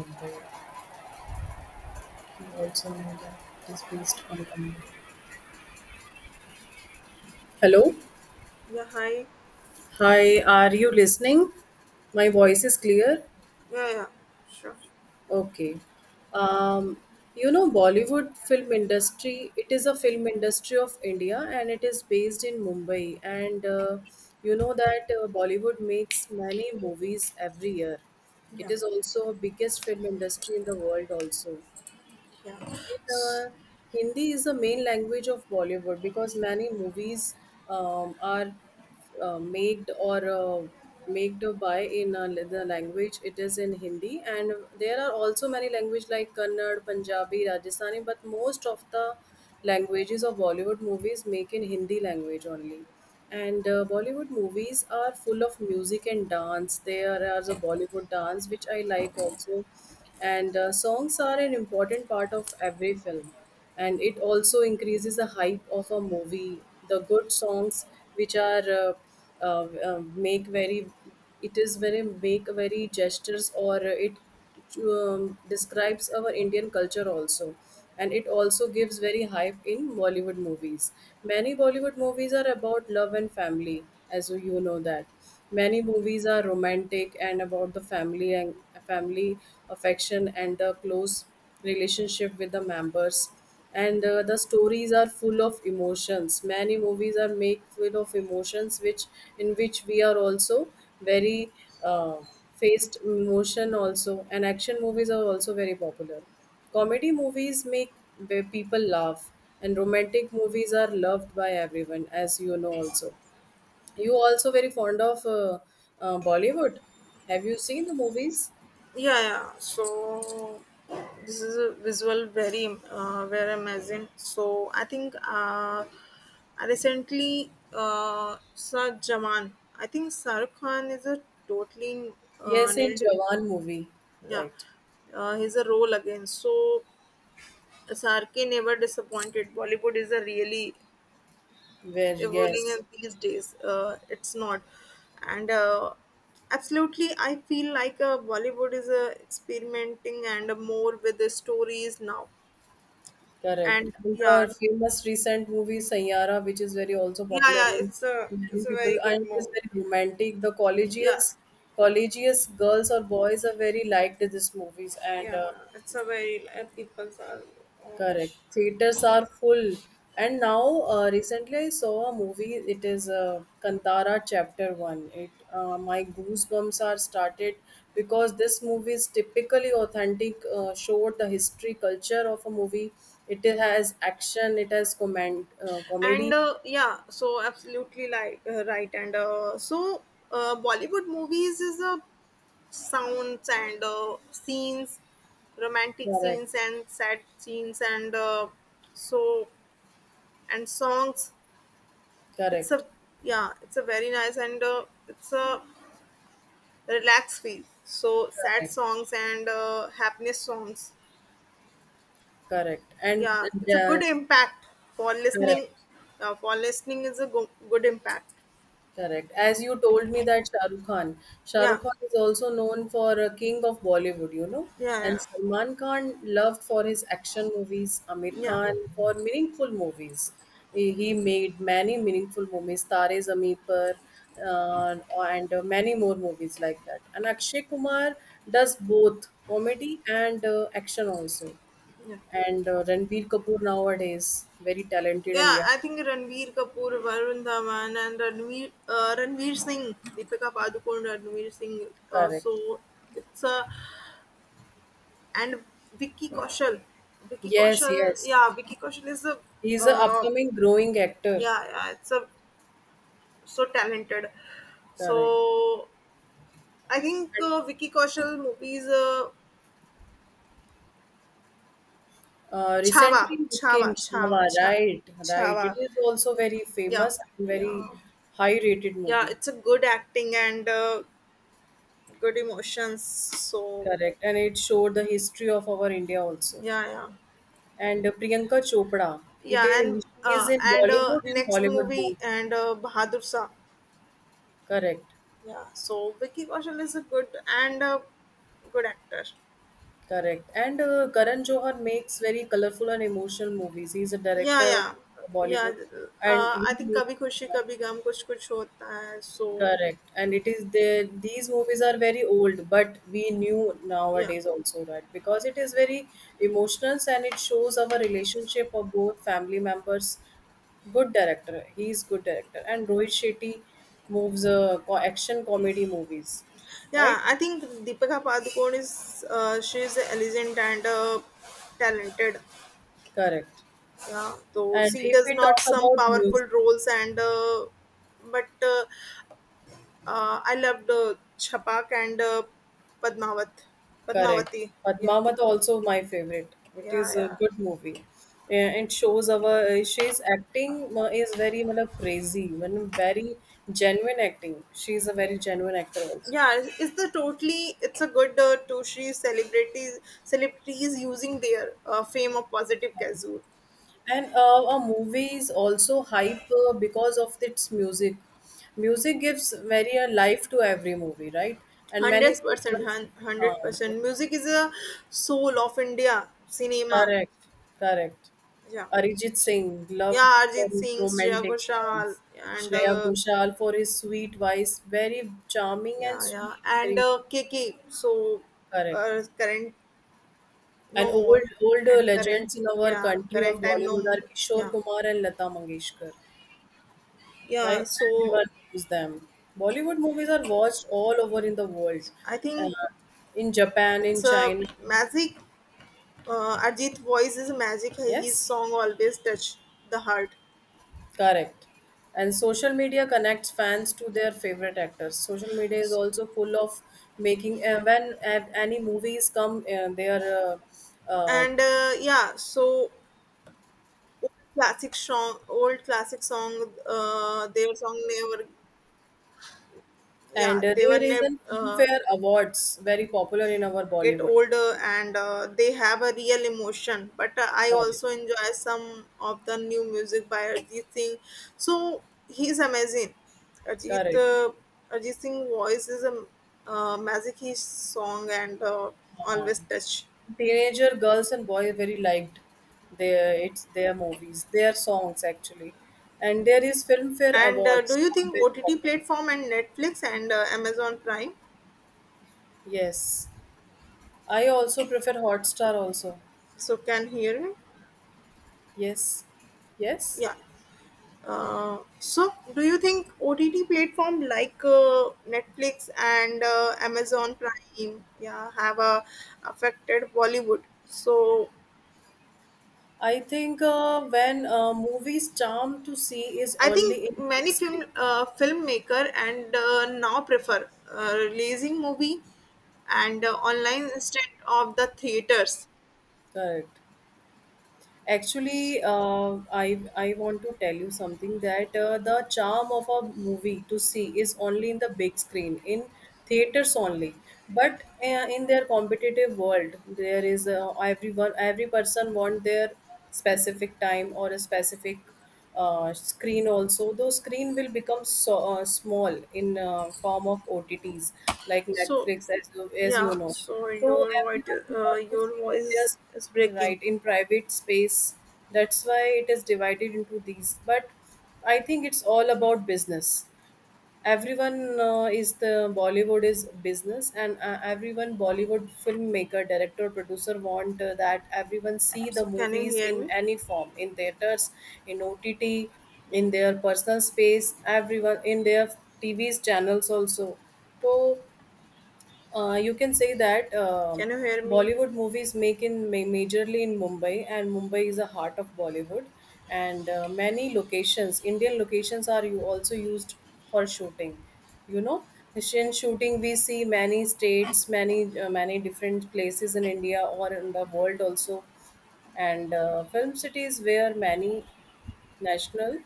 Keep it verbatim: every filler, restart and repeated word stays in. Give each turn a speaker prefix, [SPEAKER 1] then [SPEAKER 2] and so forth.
[SPEAKER 1] But you also know that it is based on command. Hello.
[SPEAKER 2] Yeah, hi.
[SPEAKER 1] Hi, are you listening? My voice is clear?
[SPEAKER 2] Yeah, yeah, sure.
[SPEAKER 1] Okay. Um, you know, Bollywood film industry, it is a film industry of India, and it is based in Mumbai. And uh, you know that uh, Bollywood makes many movies every year. It
[SPEAKER 2] Yeah.
[SPEAKER 1] is also a biggest film industry in the world also.
[SPEAKER 2] Yeah,
[SPEAKER 1] In uh, Hindi is the main language of Bollywood because many movies um, are uh, made or uh, made by in uh, the language it is in Hindi, and there are also many language like Kannada, Punjabi, Rajasthani, but most of the languages of Bollywood movies make in Hindi language only. And uh, Bollywood movies are full of music and dance. There are the Bollywood dance, which I like also. And uh, songs are an important part of every film, and it also increases the hype of a movie, the good songs which are uh, uh, uh, make very, it is very, make very gestures, or it um, describes our Indian culture also. And it also gives very hype in Bollywood movies. Many Bollywood movies are about love and family. As you know that many movies are romantic and about the family and family affection and the close relationship with the members. And uh, the stories are full of emotions. Many movies are made full of emotions which in which we are also very, uh, faced emotion also. And action movies are also very popular. Comedy movies make where people laugh, and romantic movies are loved by everyone, as you know also. You also very fond of uh, uh, Bollywood. Have you seen the movies?
[SPEAKER 2] yeah, yeah. So this is a visual very uh, very amazing. So I think uh, I recently uh, saw Jaman. I think Saruk Khan is a totally
[SPEAKER 1] Yes,
[SPEAKER 2] uh,
[SPEAKER 1] in
[SPEAKER 2] nailed.
[SPEAKER 1] Jawan movie,
[SPEAKER 2] Yeah,
[SPEAKER 1] right?
[SPEAKER 2] uh, he's a role again. So Sarke never disappointed. Bollywood is a really
[SPEAKER 1] Where?
[SPEAKER 2] evolving
[SPEAKER 1] Yes.
[SPEAKER 2] in these days. Uh, it's not, and uh, absolutely, I feel like uh, Bollywood is uh, experimenting and uh, more with the stories now.
[SPEAKER 1] Correct.
[SPEAKER 2] And
[SPEAKER 1] And
[SPEAKER 2] yeah,
[SPEAKER 1] the famous recent movie Sanyara, which is very also
[SPEAKER 2] yeah,
[SPEAKER 1] popular
[SPEAKER 2] yeah,
[SPEAKER 1] in
[SPEAKER 2] it's a
[SPEAKER 1] many
[SPEAKER 2] it's a
[SPEAKER 1] people,
[SPEAKER 2] very
[SPEAKER 1] and
[SPEAKER 2] good
[SPEAKER 1] it is
[SPEAKER 2] move.
[SPEAKER 1] very romantic. The
[SPEAKER 2] Yeah,
[SPEAKER 1] collegials, collegious girls or boys are very liked in these movies, and
[SPEAKER 2] yeah,
[SPEAKER 1] uh,
[SPEAKER 2] it's a very uh, people are. Uh,
[SPEAKER 1] correct. Theaters are full. And now, uh, recently I saw a movie. It is uh, Kantara Chapter one. It uh, My goosebumps are started because this movie is typically authentic, uh, showed the history, culture of a movie. It has action, it has comment, uh,
[SPEAKER 2] and
[SPEAKER 1] comedy.
[SPEAKER 2] uh, yeah, so absolutely, like uh, right. And uh, so, uh, Bollywood movies is a sounds, and uh, scenes, romantic scenes
[SPEAKER 1] Correct.
[SPEAKER 2] and sad scenes and uh, so, and songs, it's
[SPEAKER 1] Correct.
[SPEAKER 2] a yeah, it's a very nice, and uh, it's a relaxed feel, so sad
[SPEAKER 1] Correct.
[SPEAKER 2] songs and uh, happiness songs.
[SPEAKER 1] Correct. And
[SPEAKER 2] Yeah, it's a
[SPEAKER 1] uh,
[SPEAKER 2] good impact for
[SPEAKER 1] correct.
[SPEAKER 2] listening. Uh, for listening is a go- good impact.
[SPEAKER 1] Correct. As you told me that Shah Rukh Khan, Shah Rukh
[SPEAKER 2] Yeah,
[SPEAKER 1] Khan is also known for a king of Bollywood, you know, and
[SPEAKER 2] yeah,
[SPEAKER 1] Salman Khan loved for his action movies, Amir
[SPEAKER 2] yeah, yeah,
[SPEAKER 1] Khan for meaningful movies. He he made many meaningful movies, Tare Zameen Par, uh, and uh, many more movies like that. And Akshay Kumar does both comedy and uh, action also.
[SPEAKER 2] yeah.
[SPEAKER 1] And uh, Ranbir Kapoor nowadays very talented, and
[SPEAKER 2] Yeah,
[SPEAKER 1] yeah,
[SPEAKER 2] I think Ranveer Kapoor, Varun Dhawan, and Ranveer, uh, Ranveer Singh, Deepika Padukone, Ranveer Singh. Uh,
[SPEAKER 1] correct.
[SPEAKER 2] so it's a, and Vicky Kaushal, Vicky
[SPEAKER 1] Yes,
[SPEAKER 2] Kaushal.
[SPEAKER 1] yes.
[SPEAKER 2] Yeah, Vicky Kaushal is a,
[SPEAKER 1] He's an
[SPEAKER 2] uh,
[SPEAKER 1] upcoming growing actor.
[SPEAKER 2] yeah, yeah, it's a so talented.
[SPEAKER 1] Correct.
[SPEAKER 2] So I think uh, Vicky Kaushal movies, uh,
[SPEAKER 1] Uh,
[SPEAKER 2] Chhava,
[SPEAKER 1] recently it came
[SPEAKER 2] Chhava, Chhava,
[SPEAKER 1] Chhava,
[SPEAKER 2] Chha-
[SPEAKER 1] right? Right. It
[SPEAKER 2] Chhava.
[SPEAKER 1] is also very
[SPEAKER 2] Yeah,
[SPEAKER 1] famous and very
[SPEAKER 2] yeah,
[SPEAKER 1] high rated
[SPEAKER 2] yeah.
[SPEAKER 1] movie.
[SPEAKER 2] It's a good acting and. Uh, good emotions, so
[SPEAKER 1] Correct. And it showed the history of our India also.
[SPEAKER 2] yeah, yeah,
[SPEAKER 1] And uh, Priyanka Chopra. It
[SPEAKER 2] yeah, and
[SPEAKER 1] is she is
[SPEAKER 2] uh
[SPEAKER 1] in
[SPEAKER 2] and uh
[SPEAKER 1] Bollywood and
[SPEAKER 2] next
[SPEAKER 1] Hollywood both.
[SPEAKER 2] movie, and uh Bahadur Shah.
[SPEAKER 1] Correct.
[SPEAKER 2] Yeah, so Vicky Kaushal is a good, and a good actor.
[SPEAKER 1] Correct. And uh, Karan Johar makes very colorful and emotional movies. He's a
[SPEAKER 2] Yeah,
[SPEAKER 1] director of
[SPEAKER 2] yeah, yeah,
[SPEAKER 1] Bollywood, and
[SPEAKER 2] uh
[SPEAKER 1] he
[SPEAKER 2] I think
[SPEAKER 1] makes.
[SPEAKER 2] Kabhi Khushi Kabhi Gum, Kuch Kuch Hota Hai. So
[SPEAKER 1] Correct. And it is there, these movies are very old, but we knew
[SPEAKER 2] yeah,
[SPEAKER 1] nowadays also, right? Because it is very emotional and it shows our relationship of both family members. Good director. He is good director. And Rohit Shetty moves uh, co- action comedy movies, right?
[SPEAKER 2] yeah, I think Deepika Padukone is, uh, she is elegant and uh, talented.
[SPEAKER 1] Correct.
[SPEAKER 2] Yeah, so
[SPEAKER 1] And
[SPEAKER 2] she
[SPEAKER 1] if
[SPEAKER 2] does
[SPEAKER 1] we
[SPEAKER 2] not
[SPEAKER 1] talk
[SPEAKER 2] some
[SPEAKER 1] about
[SPEAKER 2] powerful
[SPEAKER 1] music,
[SPEAKER 2] roles, and uh, but uh, Uh, I loved uh, Chapak and uh, Padmavat,
[SPEAKER 1] correct.
[SPEAKER 2] Padmavati. Yeah,
[SPEAKER 1] Padmavat also my favorite. It
[SPEAKER 2] yeah,
[SPEAKER 1] is a
[SPEAKER 2] yeah,
[SPEAKER 1] good movie. Yeah, it shows our she's acting uh, is very matlab, crazy, when very genuine acting. She's a very genuine actor also.
[SPEAKER 2] yeah. It's it's the totally. It's a good, uh, Toshi, celebrities celebrities using their uh, fame of positive casual.
[SPEAKER 1] And uh, a movie is also hype uh, because of its music. Music gives very a life to every movie, right? And many
[SPEAKER 2] Hundred percent,
[SPEAKER 1] singers, uh,
[SPEAKER 2] hundred percent. Music is a soul of India cinema.
[SPEAKER 1] correct, correct.
[SPEAKER 2] Yeah,
[SPEAKER 1] Arijit Singh loved
[SPEAKER 2] yeah.
[SPEAKER 1] for
[SPEAKER 2] Arjit
[SPEAKER 1] his
[SPEAKER 2] Singh, Shreya
[SPEAKER 1] romantic
[SPEAKER 2] Ghoshal,
[SPEAKER 1] songs.
[SPEAKER 2] and
[SPEAKER 1] Shreya
[SPEAKER 2] uh,
[SPEAKER 1] Ghoshal for his sweet voice, very charming and
[SPEAKER 2] yeah, yeah,
[SPEAKER 1] sweet,
[SPEAKER 2] and
[SPEAKER 1] very
[SPEAKER 2] uh, K K. So
[SPEAKER 1] correct.
[SPEAKER 2] uh, current,
[SPEAKER 1] And
[SPEAKER 2] no
[SPEAKER 1] old
[SPEAKER 2] more.
[SPEAKER 1] older
[SPEAKER 2] And current,
[SPEAKER 1] legends in our
[SPEAKER 2] yeah,
[SPEAKER 1] country of
[SPEAKER 2] current time, no
[SPEAKER 1] Bollywood are
[SPEAKER 2] more.
[SPEAKER 1] Kishore
[SPEAKER 2] Yeah,
[SPEAKER 1] Kumar and Lata Mangeshkar,
[SPEAKER 2] yeah,
[SPEAKER 1] right?
[SPEAKER 2] so
[SPEAKER 1] Everyone knows them. Bollywood movies are watched all over in the world,
[SPEAKER 2] I think
[SPEAKER 1] uh, in Japan, in
[SPEAKER 2] it's a
[SPEAKER 1] China.
[SPEAKER 2] magic. uh, Arjit voice is magic. Hey, his
[SPEAKER 1] Yes.
[SPEAKER 2] song always touch the heart.
[SPEAKER 1] Correct. And social media connects fans to their favorite actors. Social media is also full of making uh, when uh, any movies come uh, there, uh, uh,
[SPEAKER 2] And uh, yeah, so old classic song old classic song, uh, their song never, yeah,
[SPEAKER 1] and uh,
[SPEAKER 2] they were
[SPEAKER 1] there is
[SPEAKER 2] never
[SPEAKER 1] an
[SPEAKER 2] uh,
[SPEAKER 1] fair awards very popular in our
[SPEAKER 2] get
[SPEAKER 1] Bollywood.
[SPEAKER 2] older, and uh, they have a real emotion. But uh, I
[SPEAKER 1] Correct.
[SPEAKER 2] also enjoy some of the new music by Arjit Singh. So he's amazing. arjit
[SPEAKER 1] Correct.
[SPEAKER 2] uh, arjit Singh voice is a, uh, magic, his song, and uh,
[SPEAKER 1] Uh,
[SPEAKER 2] always touch.
[SPEAKER 1] Teenager girls and boys very liked their it's their movies, their songs actually, and there is Filmfare
[SPEAKER 2] And uh, do
[SPEAKER 1] Awards.
[SPEAKER 2] you think
[SPEAKER 1] Very
[SPEAKER 2] O T T
[SPEAKER 1] popular.
[SPEAKER 2] platform and Netflix and uh, Amazon Prime,
[SPEAKER 1] Yes, I also prefer Hotstar also.
[SPEAKER 2] so can hear me?
[SPEAKER 1] Yes, yes.
[SPEAKER 2] Yeah. Uh, so do you think O T T platform like uh, Netflix and uh, Amazon Prime, yeah, have uh, affected Bollywood? So
[SPEAKER 1] I think uh, when uh, movies charm to see is
[SPEAKER 2] I think
[SPEAKER 1] only in big
[SPEAKER 2] many
[SPEAKER 1] screen.
[SPEAKER 2] film uh, filmmaker and uh, now prefer uh, releasing movie and uh, online instead of the theaters.
[SPEAKER 1] Correct. Actually, uh, I I want to tell you something that uh, the charm of a movie to see is only in the big screen, in theaters only. But uh, in their competitive world, there is uh, everyone every person want their specific time or a specific uh, screen also. Though screen will become so uh, small in uh, form of O T Ts like
[SPEAKER 2] So
[SPEAKER 1] Netflix, as you, as you
[SPEAKER 2] yeah,
[SPEAKER 1] know.
[SPEAKER 2] so
[SPEAKER 1] So
[SPEAKER 2] your voice
[SPEAKER 1] everyone
[SPEAKER 2] uh,
[SPEAKER 1] want to
[SPEAKER 2] your
[SPEAKER 1] see is
[SPEAKER 2] voice
[SPEAKER 1] just
[SPEAKER 2] is breaking.
[SPEAKER 1] right in private space. That's why it is divided into these. But I think it's all about business. Everyone uh, is the Bollywood is business, and uh, everyone Bollywood filmmaker, director, producer want uh, that everyone see the
[SPEAKER 2] So can you
[SPEAKER 1] movies
[SPEAKER 2] hear
[SPEAKER 1] in
[SPEAKER 2] me?
[SPEAKER 1] any form, in theaters, in O T T, in their personal space, everyone in their T V's channels also. So uh, you can say that um
[SPEAKER 2] Can you hear me?
[SPEAKER 1] Bollywood movies make in ma- majorly in Mumbai, and Mumbai is the heart of Bollywood. And uh, many locations, Indian locations, are you also used for shooting. You know, in shooting we see many states, many uh, many different places in India or in the world also, and uh, film cities where many national